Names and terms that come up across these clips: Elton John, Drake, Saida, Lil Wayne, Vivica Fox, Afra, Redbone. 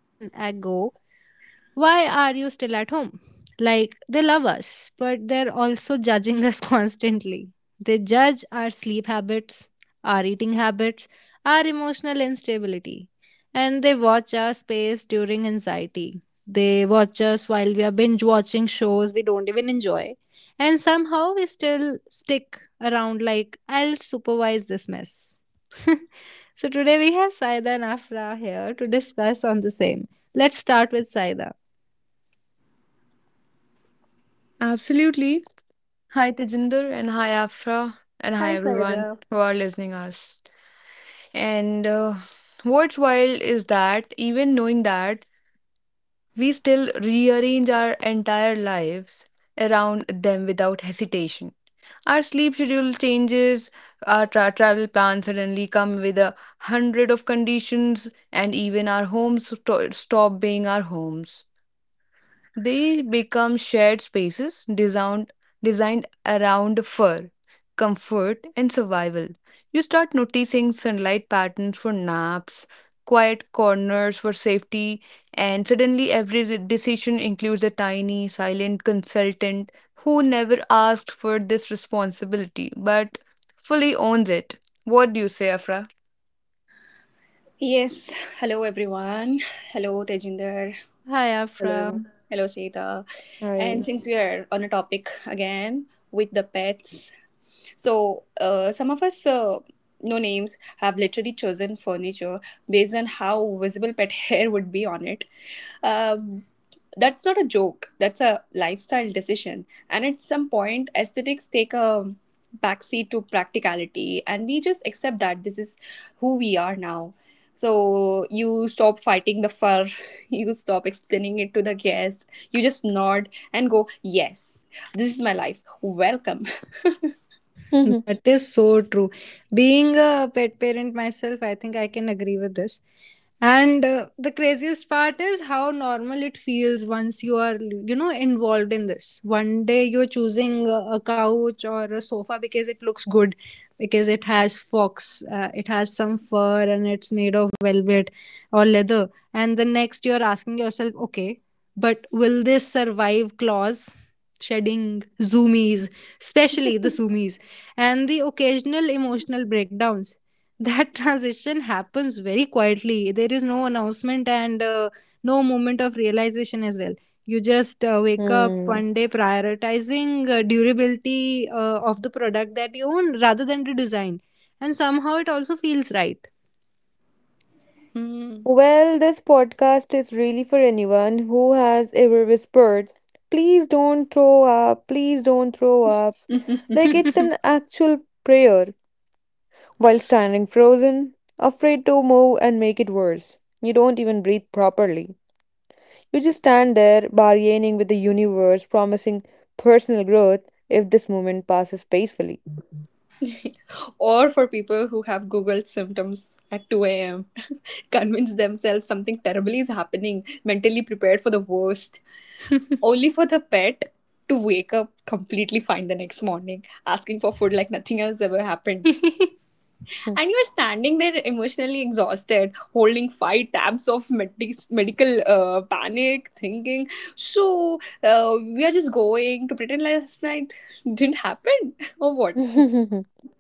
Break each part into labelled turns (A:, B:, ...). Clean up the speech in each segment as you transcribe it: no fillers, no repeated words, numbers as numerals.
A: Ago, why are you still at home? Like, they love us, but they're also judging us constantly. They judge our sleep habits, our eating habits, our emotional instability, and they watch our space during anxiety. They watch us while we are binge watching shows we don't even enjoy. And somehow we still stick around like, I'll supervise this mess. So today we have Saida and Afra here to discuss on the same. Let's start with Saida.
B: Absolutely. Hi, Tejinder, and hi, Afra, and hi,
A: Hi,
B: everyone
C: Hello.
A: Saida.
B: who are listening us. And What's wild is that even knowing that, we still rearrange our entire lives around them without hesitation. Our sleep schedule changes, our travel plans suddenly come with a hundred of conditions, and even our stop being our homes. They become shared spaces designed around fur, comfort, and survival. You start noticing sunlight patterns for naps, quiet corners for safety, and suddenly every decision includes a tiny, silent consultant who never asked for this responsibility but fully owns it. What do you say, Afra?
C: Yes. Hello, everyone. Hello, Tejinder.
A: Hi, Afra.
C: Hello. Hello, Sita. And
B: Right.
C: since we are on a topic again with the pets, some of us, no names, have literally chosen furniture based on how visible pet hair would be on it. Um That's not a joke, that's a lifestyle decision. And at some point, aesthetics take a backseat to practicality, and we just accept that this is who we are now. So you stop fighting the fur, you stop explaining it to the guest, you just nod and go, "Yes, this is my life. Welcome."
B: Mhm.
A: That is so true. Being a pet parent myself, I think I can agree with this. And the craziest part is how normal it feels once you are, involved in this. One day you're choosing a couch or a sofa because it looks good, because it has some fur, and it's made of velvet or leather. And the next you're asking yourself, okay, but will this survive claws, shedding, zoomies, especially the zoomies, and the occasional emotional breakdowns? That transition happens very quietly. There is no announcement and no moment of realization as well. You just wake up
B: Hmm.
A: one day prioritizing durability of the product that you own rather than the design. And somehow it also feels right.
C: Hmm.
B: Well, this podcast is really for anyone who has ever whispered, please don't throw up, please don't throw up. Like it's an actual prayer while standing frozen, afraid to move and make it worse. You don't even breathe properly. You just stand there bargaining with the universe, promising personal growth if this moment passes peacefully.
C: Or for people who have Googled symptoms at 2 a.m., convince themselves something terrible is happening, mentally prepared for the worst, only for the pet to wake up completely fine the next morning, asking for food like nothing else ever happened. And you're standing there emotionally exhausted, holding five tabs of medical panic, thinking, we are just going to pretend last night didn't happen, or what?
B: Hmm.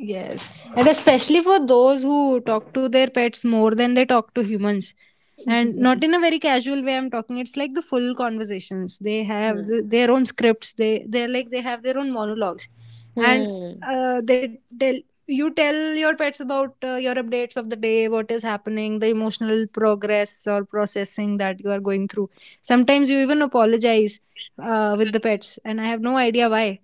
A: Yes, and especially for those who talk to their pets more than they talk to humans, and not in a very casual way. I'm talking. It's like the full conversations they have, their own scripts. They're like they have their own monologues, and
B: Hmm.
A: they tell you tell your pets about your updates of the day, what is happening, the emotional progress or processing that you are going through. Sometimes you even apologize with the pets, and I have no idea why.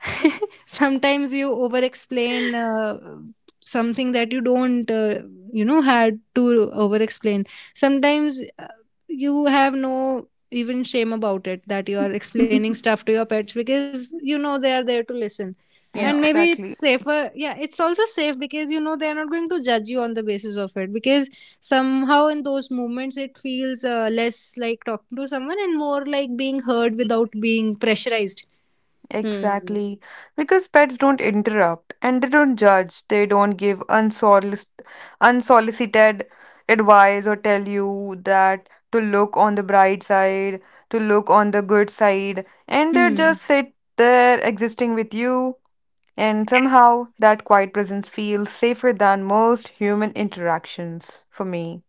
A: Sometimes you over explain something that you don't had to over explain. Sometimes you have no even shame about it that you are
C: Hmm.
A: explaining stuff to your pets because you know they are there to listen.
C: Yeah.
A: And maybe it's
B: Exactly.
A: safer. Yeah, it's also safe because you know they're not going to judge you on the basis of it, because somehow in those moments it feels less like talking to someone and more like being heard without being pressurized.
C: Hmm.
B: Exactly. Because pets don't interrupt and they don't judge. They don't give unsolicited advice or tell you that to look on the bright side, to look on the good side. And they
A: Hmm.
B: just sit there existing with you. And somehow that quiet presence feels safer than most human interactions for me.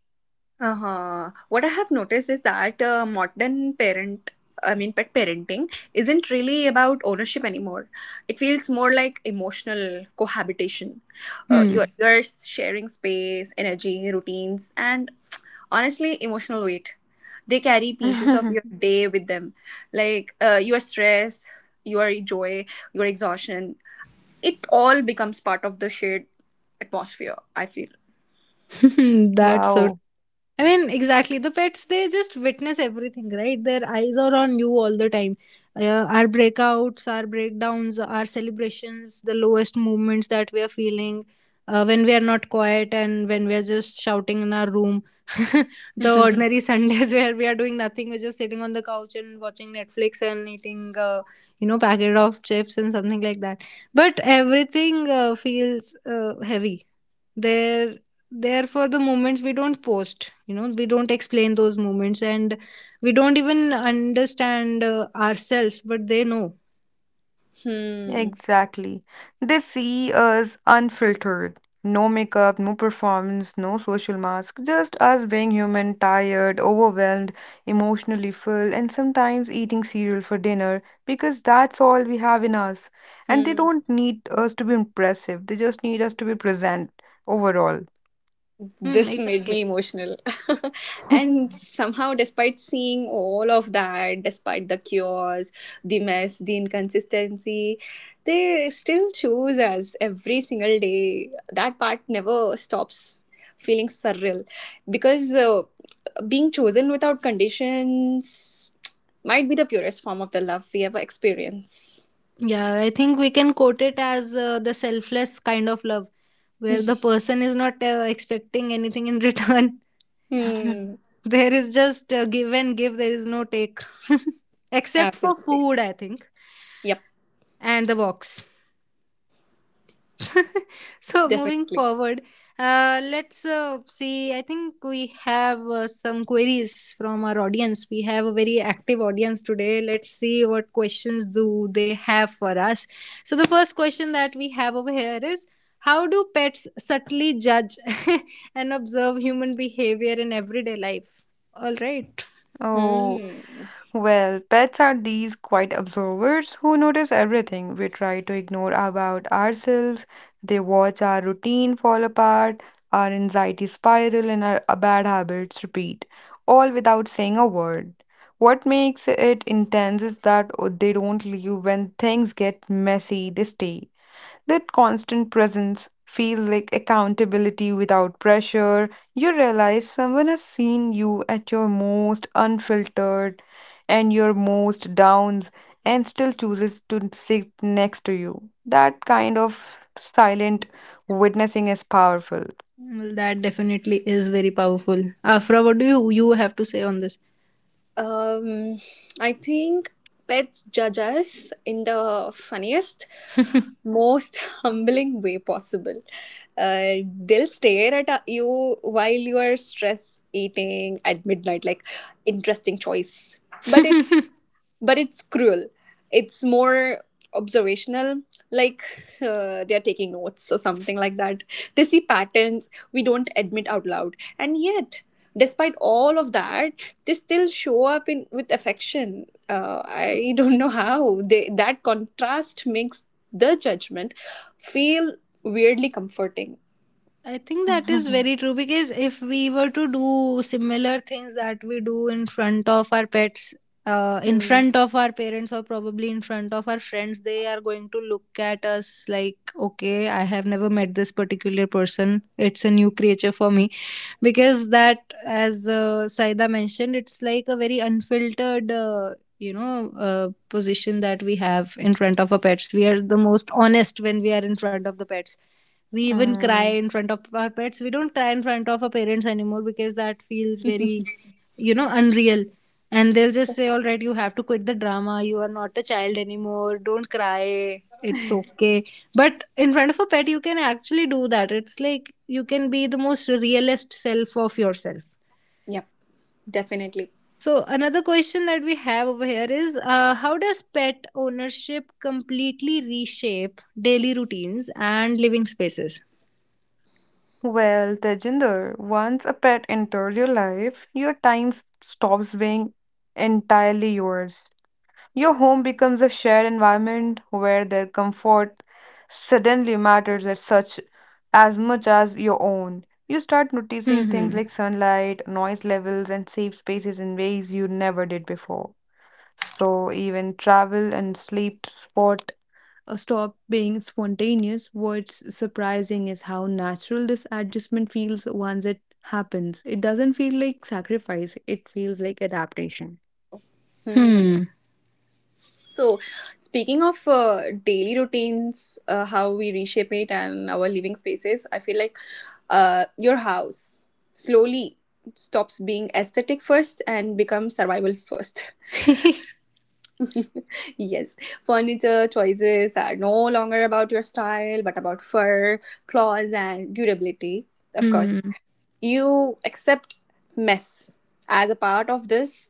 C: Uh-huh. What I have noticed is that modern parent, I mean, pet parenting isn't really about ownership anymore. It feels more like emotional cohabitation. You're sharing space, energy, routines, and honestly, emotional weight. They carry pieces of your day with them, like your stress, your joy, your exhaustion. It all becomes part of the shared atmosphere, I feel.
A: Hmm, that's so.
B: Wow.
A: I mean, exactly. The pets, they just witness everything, right? Their eyes are on you all the time. Our breakouts, our breakdowns, our celebrations, the lowest moments that we are feeling, when we are not quiet and when we are just shouting in our room. The ordinary Sundays where we are doing nothing, we're just sitting on the couch and watching Netflix and eating, packet of chips and something like that. But everything feels heavy there. Therefore the moments we don't post, we don't explain those moments, and we don't even understand ourselves, but they know.
C: Hmm.
B: Exactly. They see us unfiltered. No makeup, no performance, no social mask, just us being human, tired, overwhelmed, emotionally full, and sometimes eating cereal for dinner because that's all we have in us. And they
C: Hmm.
B: don't need us to be impressive, they just need us to be present overall.
A: Hmm,
C: This made me
A: exactly.
C: emotional. And somehow, despite seeing all of that, despite the chaos, the mess, the inconsistency, they still choose us every single day. That part never stops feeling surreal, because being chosen without conditions might be the purest form of the love we ever experience.
A: Yeah, I think we can quote it as the selfless kind of love, where the person is not expecting anything in return.
C: Hmm.
A: There is just give and give. There is no take. Except for
C: Absolutely.
A: food, I think.
C: Yep.
A: And the walks. So moving
C: Definitely.
A: forward, let's see. I think we have some queries from our audience. We have a very active audience today. Let's see what questions do they have for us. So the first question that we have over here is, how do pets subtly judge and observe human behavior in everyday life? All right.
B: Oh,
C: Hmm.
B: well, pets are these quiet observers who notice everything we try to ignore about ourselves. They watch our routine fall apart, our anxiety spiral, and our bad habits repeat, all without saying a word. What makes it intense is that they don't leave when things get messy, they stay. That constant presence feel like accountability without pressure. You realize someone has seen you at your most unfiltered and your most downs and still chooses to sit next to you. That kind of silent witnessing is powerful.
A: Well, that definitely is very powerful. Afra, what do you have to say on
C: Um, I think pets judge us in the funniest, most humbling way possible. They'll stare at you while you are stress eating at midnight, like, interesting choice. But
A: this?
C: it's but it's cruel. It's more observational, like, they are taking notes or something like that. They see patterns we don't admit out loud, and yet. Despite all of that, they still show up in with affection. I don't know how they, that contrast makes the judgment feel weirdly comforting.
A: I think that is
B: Mhm.
A: very true because if we were to do similar things that we do in front of our pets, in
C: Hmm.
A: front of our parents, or probably in front of our friends, they are going to look at us like, okay, I have never met this particular person. It's a new creature for me. Because that, as Saida mentioned, it's like a very unfiltered position that we have in front of our pets. We are the most honest when we are in front of the pets. We even cry
B: Mm.
A: in front of our pets. We don't cry in front of our parents anymore because that feels very, unreal. And they'll just say, all right, you have to quit the drama, you are not a child anymore, don't cry, it's okay. But in front of a pet you can actually do that. It's like you can be the most realist self of yourself.
C: Yep. Definitely.
A: So another question that we have over here is, how does pet ownership completely reshape daily routines and living spaces?
B: Well, Tejinder, once a pet enters your life, your stops being entirely yours. Your home becomes a shared environment where their comfort suddenly matters as such as much as your own. You start noticing things
A: Hmm.
B: like sunlight, noise levels, and safe spaces in ways you never did before. So even travel and sleep spot stop being spontaneous. What's surprising is how natural this adjustment feels once it happens. It doesn't feel like sacrifice, it feels like adaptation.
C: Hmm.
A: Hmm.
C: So, speaking of daily routines, how we reshape it and our living spaces, I feel like your house slowly stops being aesthetic first and becomes survival first.
A: Hmm.
C: Yes, furniture choices are no longer about your style, but about fur, claws, and durability. Of course,
A: Hmm.
C: you accept mess as a part of this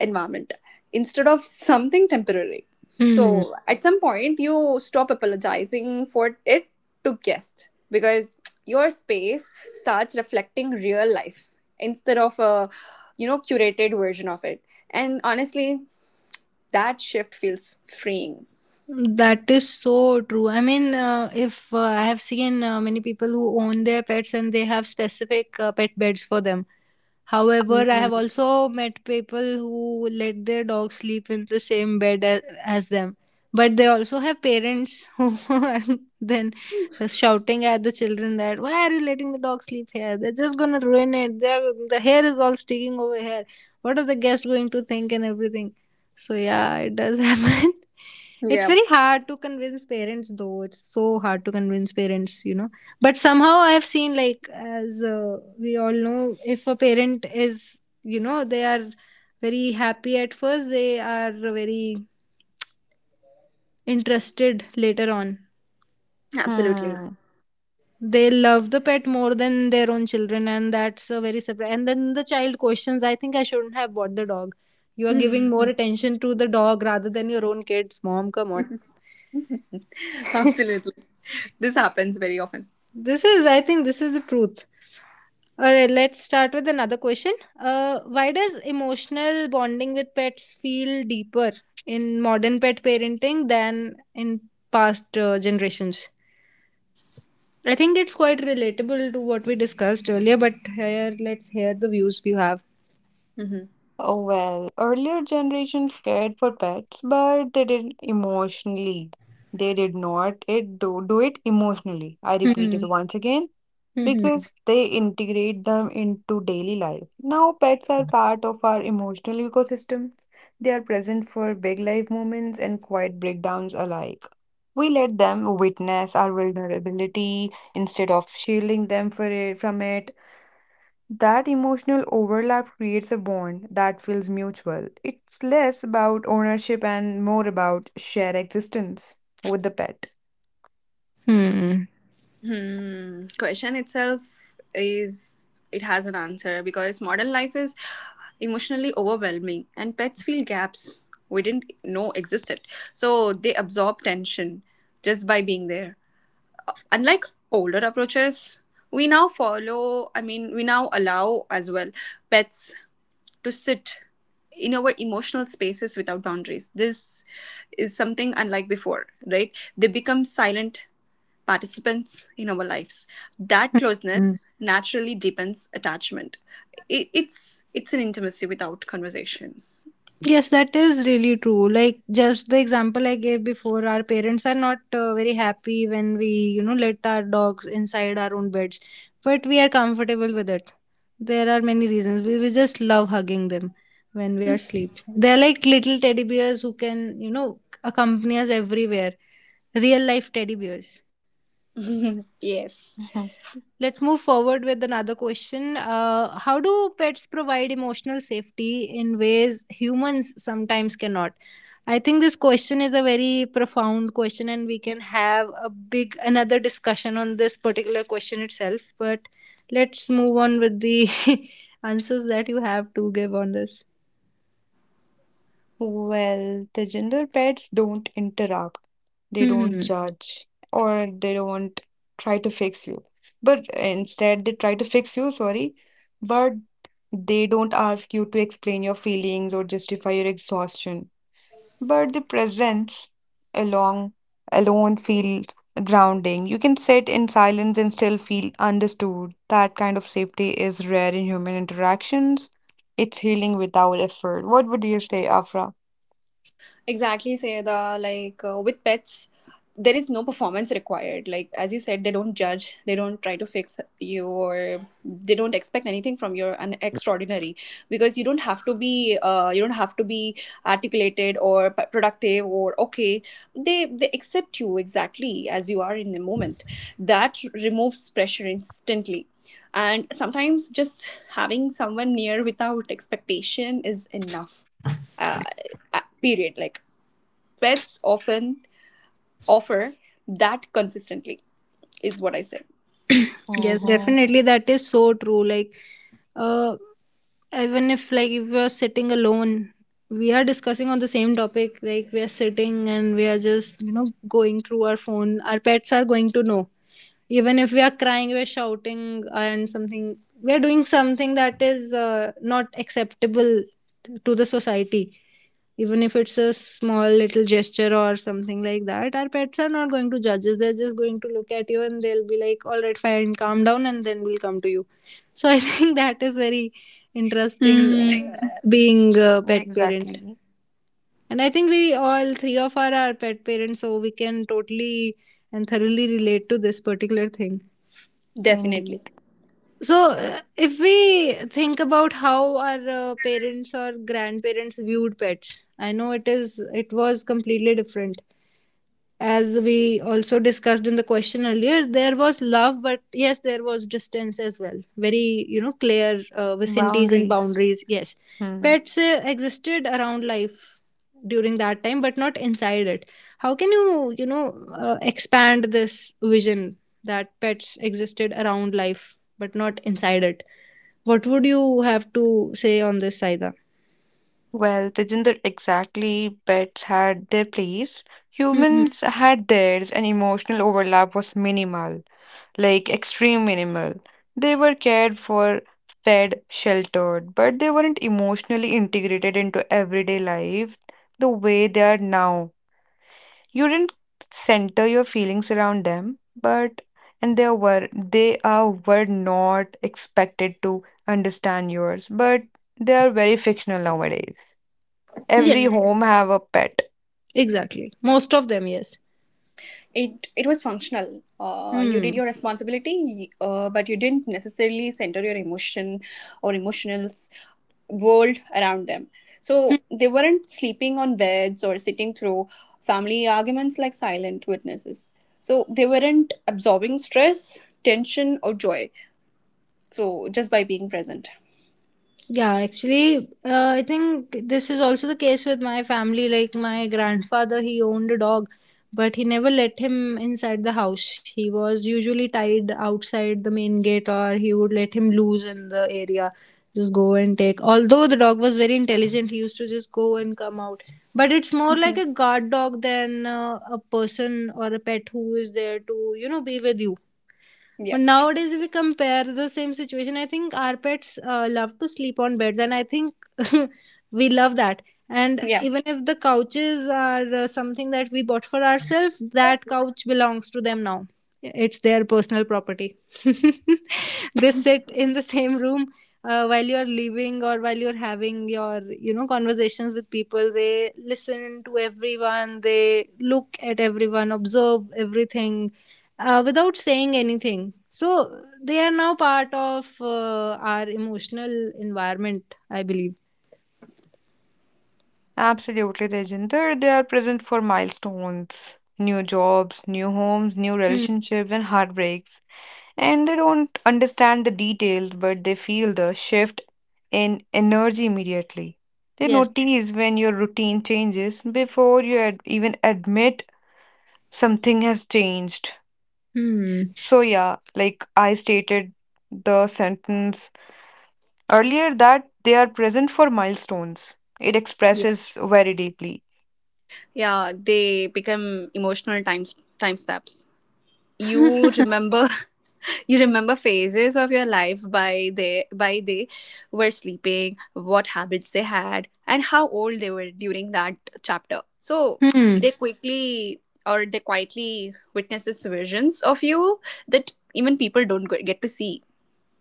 C: environment instead of something temporary.
A: Hmm.
C: So, at some point, you stop apologizing for it to guests because your space starts reflecting real life instead of a, you know, curated version of it. And honestly, that shift feels freeing.
A: That is so true. I mean, if I have seen many people who own their pets and they have specific pet beds for them. However, I
C: Mm-hmm.
A: have also met people who let their dogs sleep in the same bed as them. But they also have parents who are then shouting at the children, that why are you letting the dog sleep here? They're just gonna ruin it. The hair is all sticking over here. What are the guests going to think and everything? So yeah, it does happen. It's
C: Yeah,
A: very hard to convince parents though. It's so hard to convince parents. But somehow I have seen like, as we all know, if a parent is, they are very happy at first, they are very interested later on.
C: absolutely.
B: Hmm.
A: They love the pet more than their own children, and that's a very surprise. And then the child questions, I think I shouldn't have bought the dog. You are giving more attention to the dog rather than your own kids, mom, come on.
C: Absolutely. This happens very often.
A: This is, I think, this is the truth. All right, let's start with another question. Why does emotional bonding with pets feel deeper in modern pet parenting than in past generations? I think it's quite relatable to what we discussed earlier, but here let's hear the views you have.
C: Mhm.
B: Oh well, earlier generations cared for pets, but they did emotionally. They did not it do it emotionally. I repeat
A: Hmm.
B: it once again
A: Hmm.
B: because they integrate them into daily life. Now pets are part of our emotional ecosystem. They are present for big life moments and quiet breakdowns alike. We let them witness our vulnerability instead of shielding them for it, from it. That emotional overlap creates a bond that feels mutual. It's less about ownership and more about shared existence with the pet.
A: Hmm.
C: Hmm. Question itself is, it has an answer, because modern life is emotionally overwhelming and pets feel gaps we didn't know existed. So they absorb tension just by being there. Unlike older approaches, we now follow, I mean, we now allow as well pets to sit in our emotional spaces without boundaries. This is something unlike before, right? They become silent participants in our lives. That
A: Hmm.
C: closeness naturally deepens attachment. It's an intimacy without conversation.
A: Yes, that is really true. Like just the example I gave before, our parents are not very happy when we, let our dogs inside our own beds, but we are comfortable with it. There are many reasons. We just love hugging them when we are asleep. They're like little teddy bears who can, accompany us everywhere. Real life teddy bears.
C: Yes.
B: Mhm.
A: Let's move forward with another question. How do pets provide emotional safety in ways humans sometimes cannot? I think this question is a very profound question, and we can have a big another discussion on this particular question itself. But let's move on with the answers that you have to give on this.
B: Well, the gender pets don't interrupt, they don't
A: Hmm.
B: judge, or they don't try to fix you. But instead, they try to fix you, sorry, but they don't ask you to explain your feelings or justify your exhaustion. But the presence along alone feels grounding. You can sit in silence and still feel understood. That kind of safety is rare in human interactions. It's healing without effort. What would you say, Afra?
C: Exactly, Sayada. Like, with pets, there is no performance required. Like as you said, they don't judge, they don't try to fix you, or they don't expect anything from you. An extraordinary, because you don't have to be articulated or productive or okay. They accept you exactly as you are in the moment. That removes pressure instantly. And sometimes just having someone near without expectation is enough, uh, period. Like pets often offer that consistently, is what I said.
A: Yes,
B: Mm-hmm.
A: definitely. That is so true. Like, uh, even if like if we are sitting alone, we are discussing on the same topic, like we are sitting and we are just, going through our phone, our pets are going to know. Even if we are crying, we are shouting and something, we are doing something that is not acceptable to the society. Even if it's a small little gesture or something like that, our pets are not going to judge us, they're just going to look at you and they'll be like, all right, fine, calm down, and then we'll come to you. So I think that is very interesting,
C: Mm.
A: being a pet parent,
B: Exactly.
A: and I think we all three of us are pet parents, so we can totally and thoroughly relate to this particular thing.
B: Indeed.
C: Definitely.
A: So, if we think about how our parents or grandparents viewed pets, I know it was completely different, as we also discussed in the question earlier. There was love, but yes, there was distance as well. Very, clear vicinities and
B: Boundaries.
A: boundaries. Yes.
B: Hmm.
A: Pets existed around life during that time, but not inside it. How can you, expand this vision that pets existed around life, but not inside it? What would you have to say on this, Saida?
B: Well, Tejinder, exactly. Pets had their place.
A: Hmm. Hmm.
B: Humans had theirs, and emotional overlap was minimal. Like extreme minimal. They were cared for, fed, sheltered, but they weren't emotionally integrated into everyday life the way they are now. You didn't center your feelings around them, but and they were they are were not expected to understand yours, but they are very fictional nowadays.
A: Yes,
B: Every
C: Hmm.
B: home have a pet.
A: exactly. Most of them, yes.
C: It was functional. You did
A: Hmm.
C: your responsibility, but you didn't necessarily center your emotion or emotionals world around them. So they weren't sleeping on beds or sitting through family arguments like silent witnesses. So they weren't absorbing stress, tension, or joy, so just by being present.
A: Yeah, actually, I think this is also the case with my family. Like my grandfather, he owned a dog, but he never let him inside the house. He was usually tied outside the main gate, or he would let him loose in the area. Just go and take. Although the dog was very intelligent, he used to just go and come out. But it's more like
C: Mhm.
A: a guard dog than a person or a pet who is there to, be with you.
C: Yeah.
A: But nowadays, if we compare the same situation, I think our pets love to sleep on beds, and I think we love that. And
C: Yeah.
A: even if the couches are something that we bought for ourselves, that couch belongs to them now. It's their personal property. They sit in the same room while you're leaving or while you're having your, conversations with people. They listen to everyone. They look at everyone, observe everything without saying anything. So they are now part of our emotional environment, I believe.
B: Absolutely, Tejinder. They are present for milestones, new jobs, new homes, new
A: Hmm.
B: relationships, and heartbreaks. And they don't understand the details, but they feel the shift in energy immediately. They
A: Yes.
B: notice when your routine changes before even admit something has changed.
A: Hmm.
B: So, yeah, like I stated the sentence earlier, that they are present for milestones. It
C: Yeah.
B: expresses very deeply.
C: Yeah, they become emotional timestamps. You remember you remember phases of your life by they were sleeping, what habits they had, and how old they were during that chapter. So
A: Hmm.
C: they quickly, or they quietly, witness these visions of you that even people don't get to see.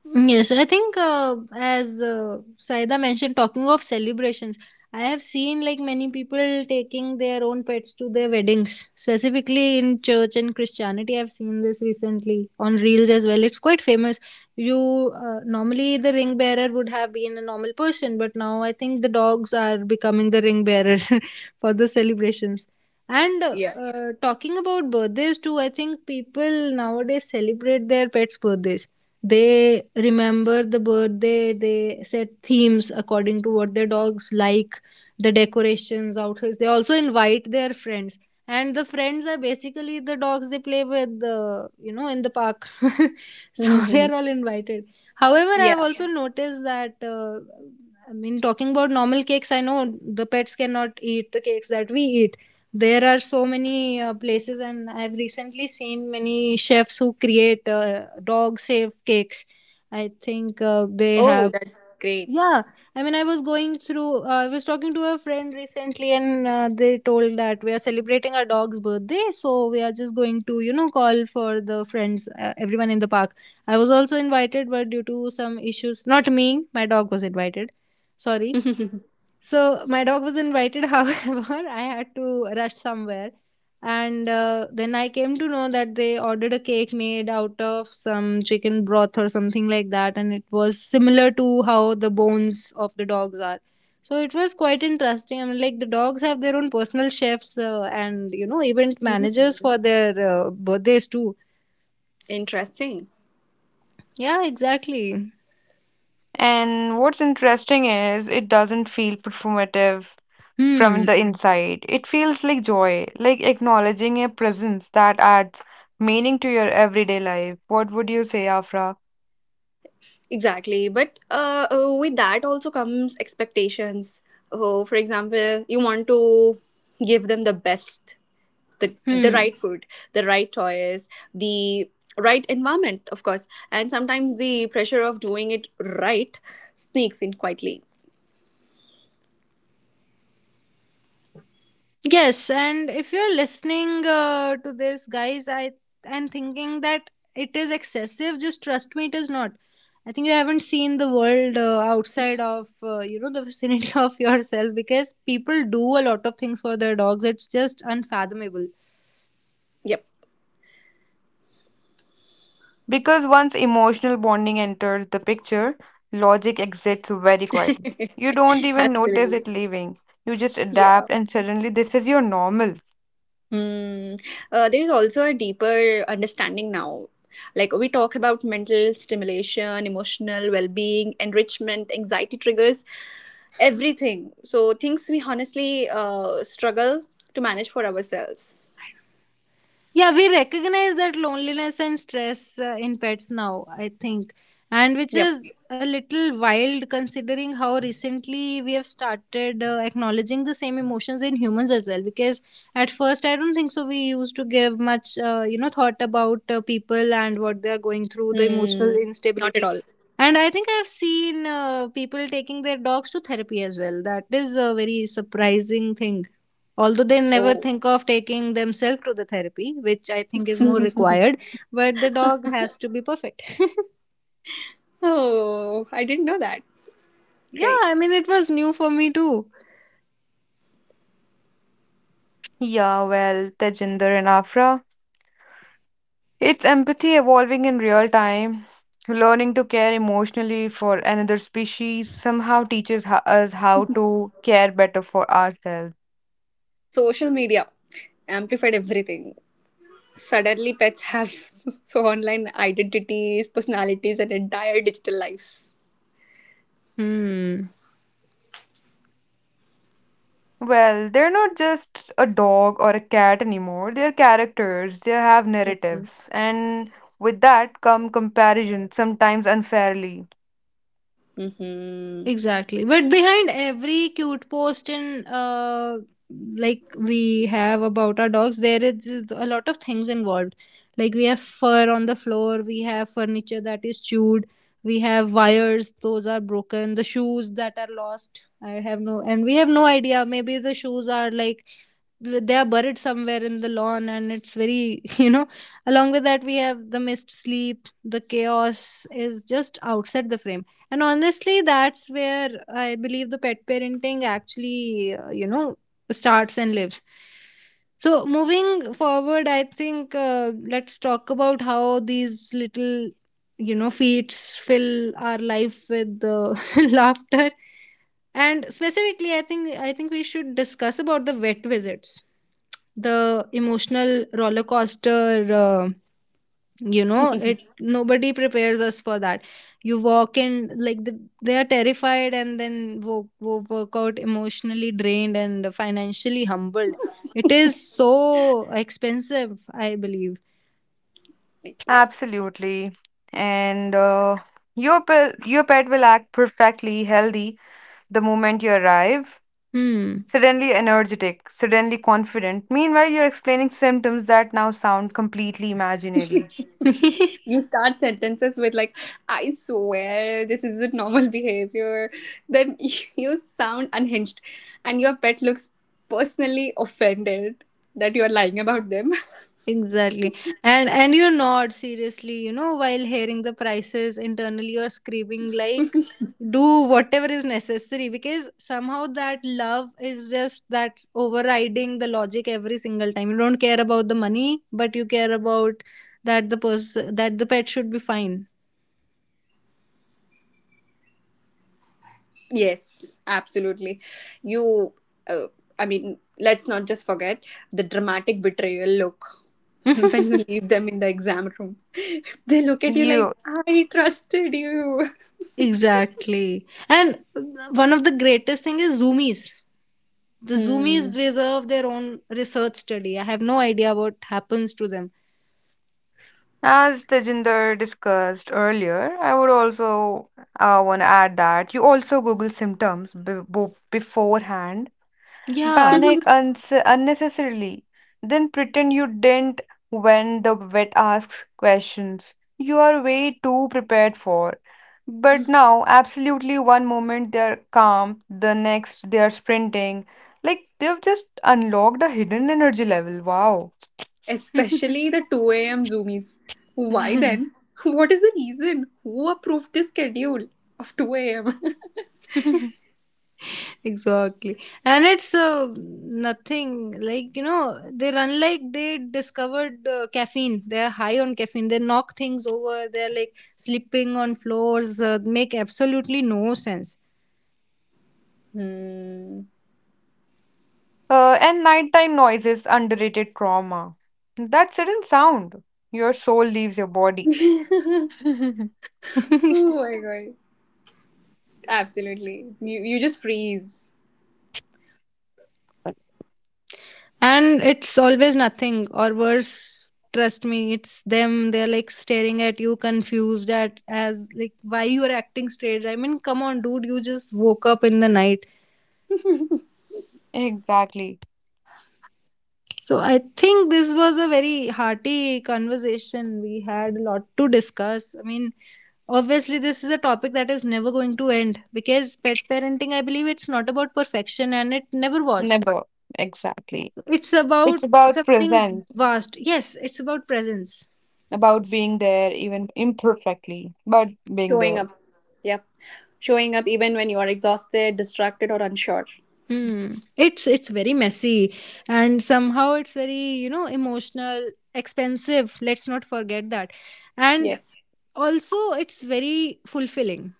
A: Mm, yes, I think as Saida mentioned, talking of celebrations, I have seen like many people taking their own pets to their weddings, specifically in church and Christianity. I've seen this recently on reels as well. It's quite famous. You Normally the ring bearer would have been a normal person, but now I think the dogs are becoming the ring bearer for the celebrations. And
C: Yeah.
A: talking about birthdays too, I think people nowadays celebrate their pets' birthdays. They remember the birthday, they set themes according to what their dogs like, the decorations, outfits. They also invite their friends. And the friends are basically the dogs they play with, in the park. So they are all invited. However, I've
C: Yeah.
A: also noticed that I mean, talking about normal cakes, I know the pets cannot eat the cakes that we eat. There are so many places, and I've recently seen many chefs who create dog safe cakes. I think they
C: Oh,
A: have
C: that's great.
A: yeah, I mean, I was going through, I was talking to a friend recently, and they told that we are celebrating our dog's birthday. So we are just going to, call for the friends, everyone in the park. I was also invited, but due to some issues, not me, my dog was invited. Sorry.
C: Mhm.
A: So my dog was invited, however, I had to rush somewhere. And then I came to know that they ordered a cake made out of some chicken broth or something like that. And it was similar to how the bones of the dogs are. So it was quite interesting. I mean, like the dogs have their own personal chefs and, event managers for their birthdays too.
C: Interesting.
A: Yeah, exactly.
B: And what's interesting is it doesn't feel performative from
A: Hmm.
B: the inside. It feels like joy, like acknowledging a presence that adds meaning to your everyday life. What would you say, Afra?
C: Exactly. But with that also comes expectations. Oh, for example, you want to give them the best, the
A: Hmm.
C: right food, the right toys, the right environment, of course. And sometimes the pressure of doing it right sneaks in quietly.
A: Yes, and if you're listening to this, guys, I and thinking that it is excessive, just trust me, it is not. I think you haven't seen the world outside of you know the vicinity of yourself because people do a lot of things for their dogs. It's just unfathomable.
C: Yep.
B: Because once emotional bonding enters the picture, logic exits very quietly. You don't even notice
C: Absolutely.
B: it leaving. You just
C: Yeah.
B: adapt, and suddenly this is your normal.
C: Hmm. There's also a deeper understanding now. Like we talk about mental stimulation, emotional well being, enrichment, anxiety triggers, everything. So things we honestly struggle to manage for ourselves.
A: Yeah, we recognize that loneliness and stress in pets now, I think, and which
C: Yep.
A: is a little wild considering how recently we have started acknowledging the same emotions in humans as well, because at first I don't think so we used to give much thought about people and what they are going through, the emotional
C: Hmm. Not at
A: instability.
C: all.
A: And I think I've seen people taking their dogs to therapy as well. That is a very surprising thing, although they never
C: Oh.
A: think of taking themselves to the therapy, which I think is more required, but the dog has to be perfect.
C: Oh, I didn't know that.
A: Yeah,
C: Great.
A: I mean, it was new for me too.
B: Yeah, well, Tejinder and Afra. It's empathy evolving in real time. Learning to care emotionally for another species somehow teaches us how to care better for ourselves.
C: Social media amplified everything. Suddenly, pets have so online identities, personalities, and entire digital lives.
A: Hmm.
B: Well, they're not just a dog or a cat anymore. They're characters, they have
C: Hmm.
B: narratives. And with that come comparison, sometimes unfairly.
A: Exactly, but behind every cute post and like we have about our dogs, there is a lot of things involved. Like we have fur on the floor, we have furniture that is chewed, we have wires those are broken, the shoes that are lost. I have no, and we have no idea, maybe the shoes are like they are buried somewhere in the lawn, and it's very you know, along with that we have the missed sleep, the chaos is just outside the frame. And honestly, that's where I believe the pet parenting actually, you know, starts and lives. So moving forward, I think, let's talk about how these little, you know, feats fill our life with laughter. And specifically, I think we should discuss about the vet visits, the emotional roller coaster. You know, it nobody prepares us for that. You walk in like they are terrified, and then work out emotionally drained and financially humbled. It is so expensive, I believe.
B: Absolutely. And Your, your pet will act perfectly healthy the moment you arrive
A: Hmm.
B: suddenly energetic, suddenly confident. Meanwhile, you're explaining symptoms that now sound completely imaginary.
C: You start sentences with like, I swear this isn't normal behavior, then you sound unhinged and your pet looks personally offended that you're lying about them.
A: Exactly. And you nod seriously, you know, while hearing the prices internally you're screaming like, do whatever is necessary, because somehow that love is just that's overriding the logic every single time. You don't care about the money, but you care about that the pet should be fine.
C: Yes, absolutely. You, uh, I mean, let's not just forget the dramatic betrayal look when you leave them in the exam room. They look at you like,
B: You,
C: I trusted you.
A: Exactly. And one of the greatest thing is zoomies. The zoomies
C: Hmm.
A: deserve their own research study. I have no idea what happens to them.
B: as Tejinder discussed earlier, I would also want to add that you also Google symptoms beforehand.
A: Yeah.
B: Panic uns unnecessarily. Then pretend you didn't when the vet asks questions you are way too prepared for. But now, absolutely, one moment they're calm, the next they're sprinting. Like they've just unlocked a hidden energy level. Wow.
C: Especially the 2 a.m. zoomies. Why then? What is the reason? Who approved this schedule of 2 a.m.?
A: Exactly. And it's nothing like, you know, they're unlike they discovered caffeine, they're high on caffeine, they knock things over, they're like slipping on floors, make absolutely no sense.
C: Hmm.
B: And nighttime noises, underrated trauma. That sudden sound, your soul leaves your body.
C: Oh my god. Absolutely. You just freeze.
A: And it's always nothing or worse, trust me, it's them. They're like staring at you confused at as like why you're acting strange. I mean, come on dude, you just woke up in the night.
B: Exactly.
A: So I think this was a very hearty conversation. We had a lot to discuss. I mean, obviously this is a topic that is never going to end, because pet parenting, I believe, it's not about perfection, and it never was.
B: Never. Exactly.
A: So, it's about
B: It's about
A: something
B: present,
A: vast. Yes, it's about presence.
B: about being there, even imperfectly, but being
C: Showing
B: there.
C: up. Yep. Showing up even when you are exhausted, distracted, or unsure.
A: Hmm. It's very messy, and somehow it's very, you know, emotional, expensive. Let's not forget that. And
C: Yes.
A: also it's very fulfilling,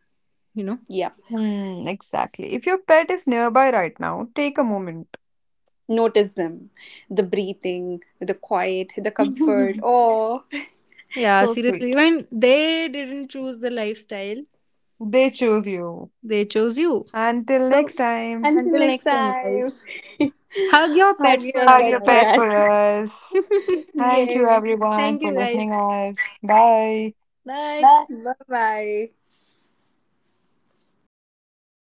A: you know.
C: Yep.
B: Hmm, exactly. If your pet is nearby right now, take a moment.
C: Notice them. The breathing, the quiet, the comfort. Oh.
A: Yeah,
B: So
A: seriously.
B: sweet.
A: When they didn't choose the lifestyle,
B: They choose you.
A: they chose you.
B: Until
A: So
B: next time,
A: until
C: Until next
A: next time,
C: time.
A: guys. Hug your
C: Hug
A: pets for
C: your
B: are
A: us,
C: pet
B: your
C: for
B: pet
A: guys.
B: for
C: us.
B: us. Thank you
C: Yes.
B: everyone
A: Thank
B: for
A: you,
B: listening
A: guys.
B: us. Bye.
A: Bye.
B: Bye.
C: Bye bye.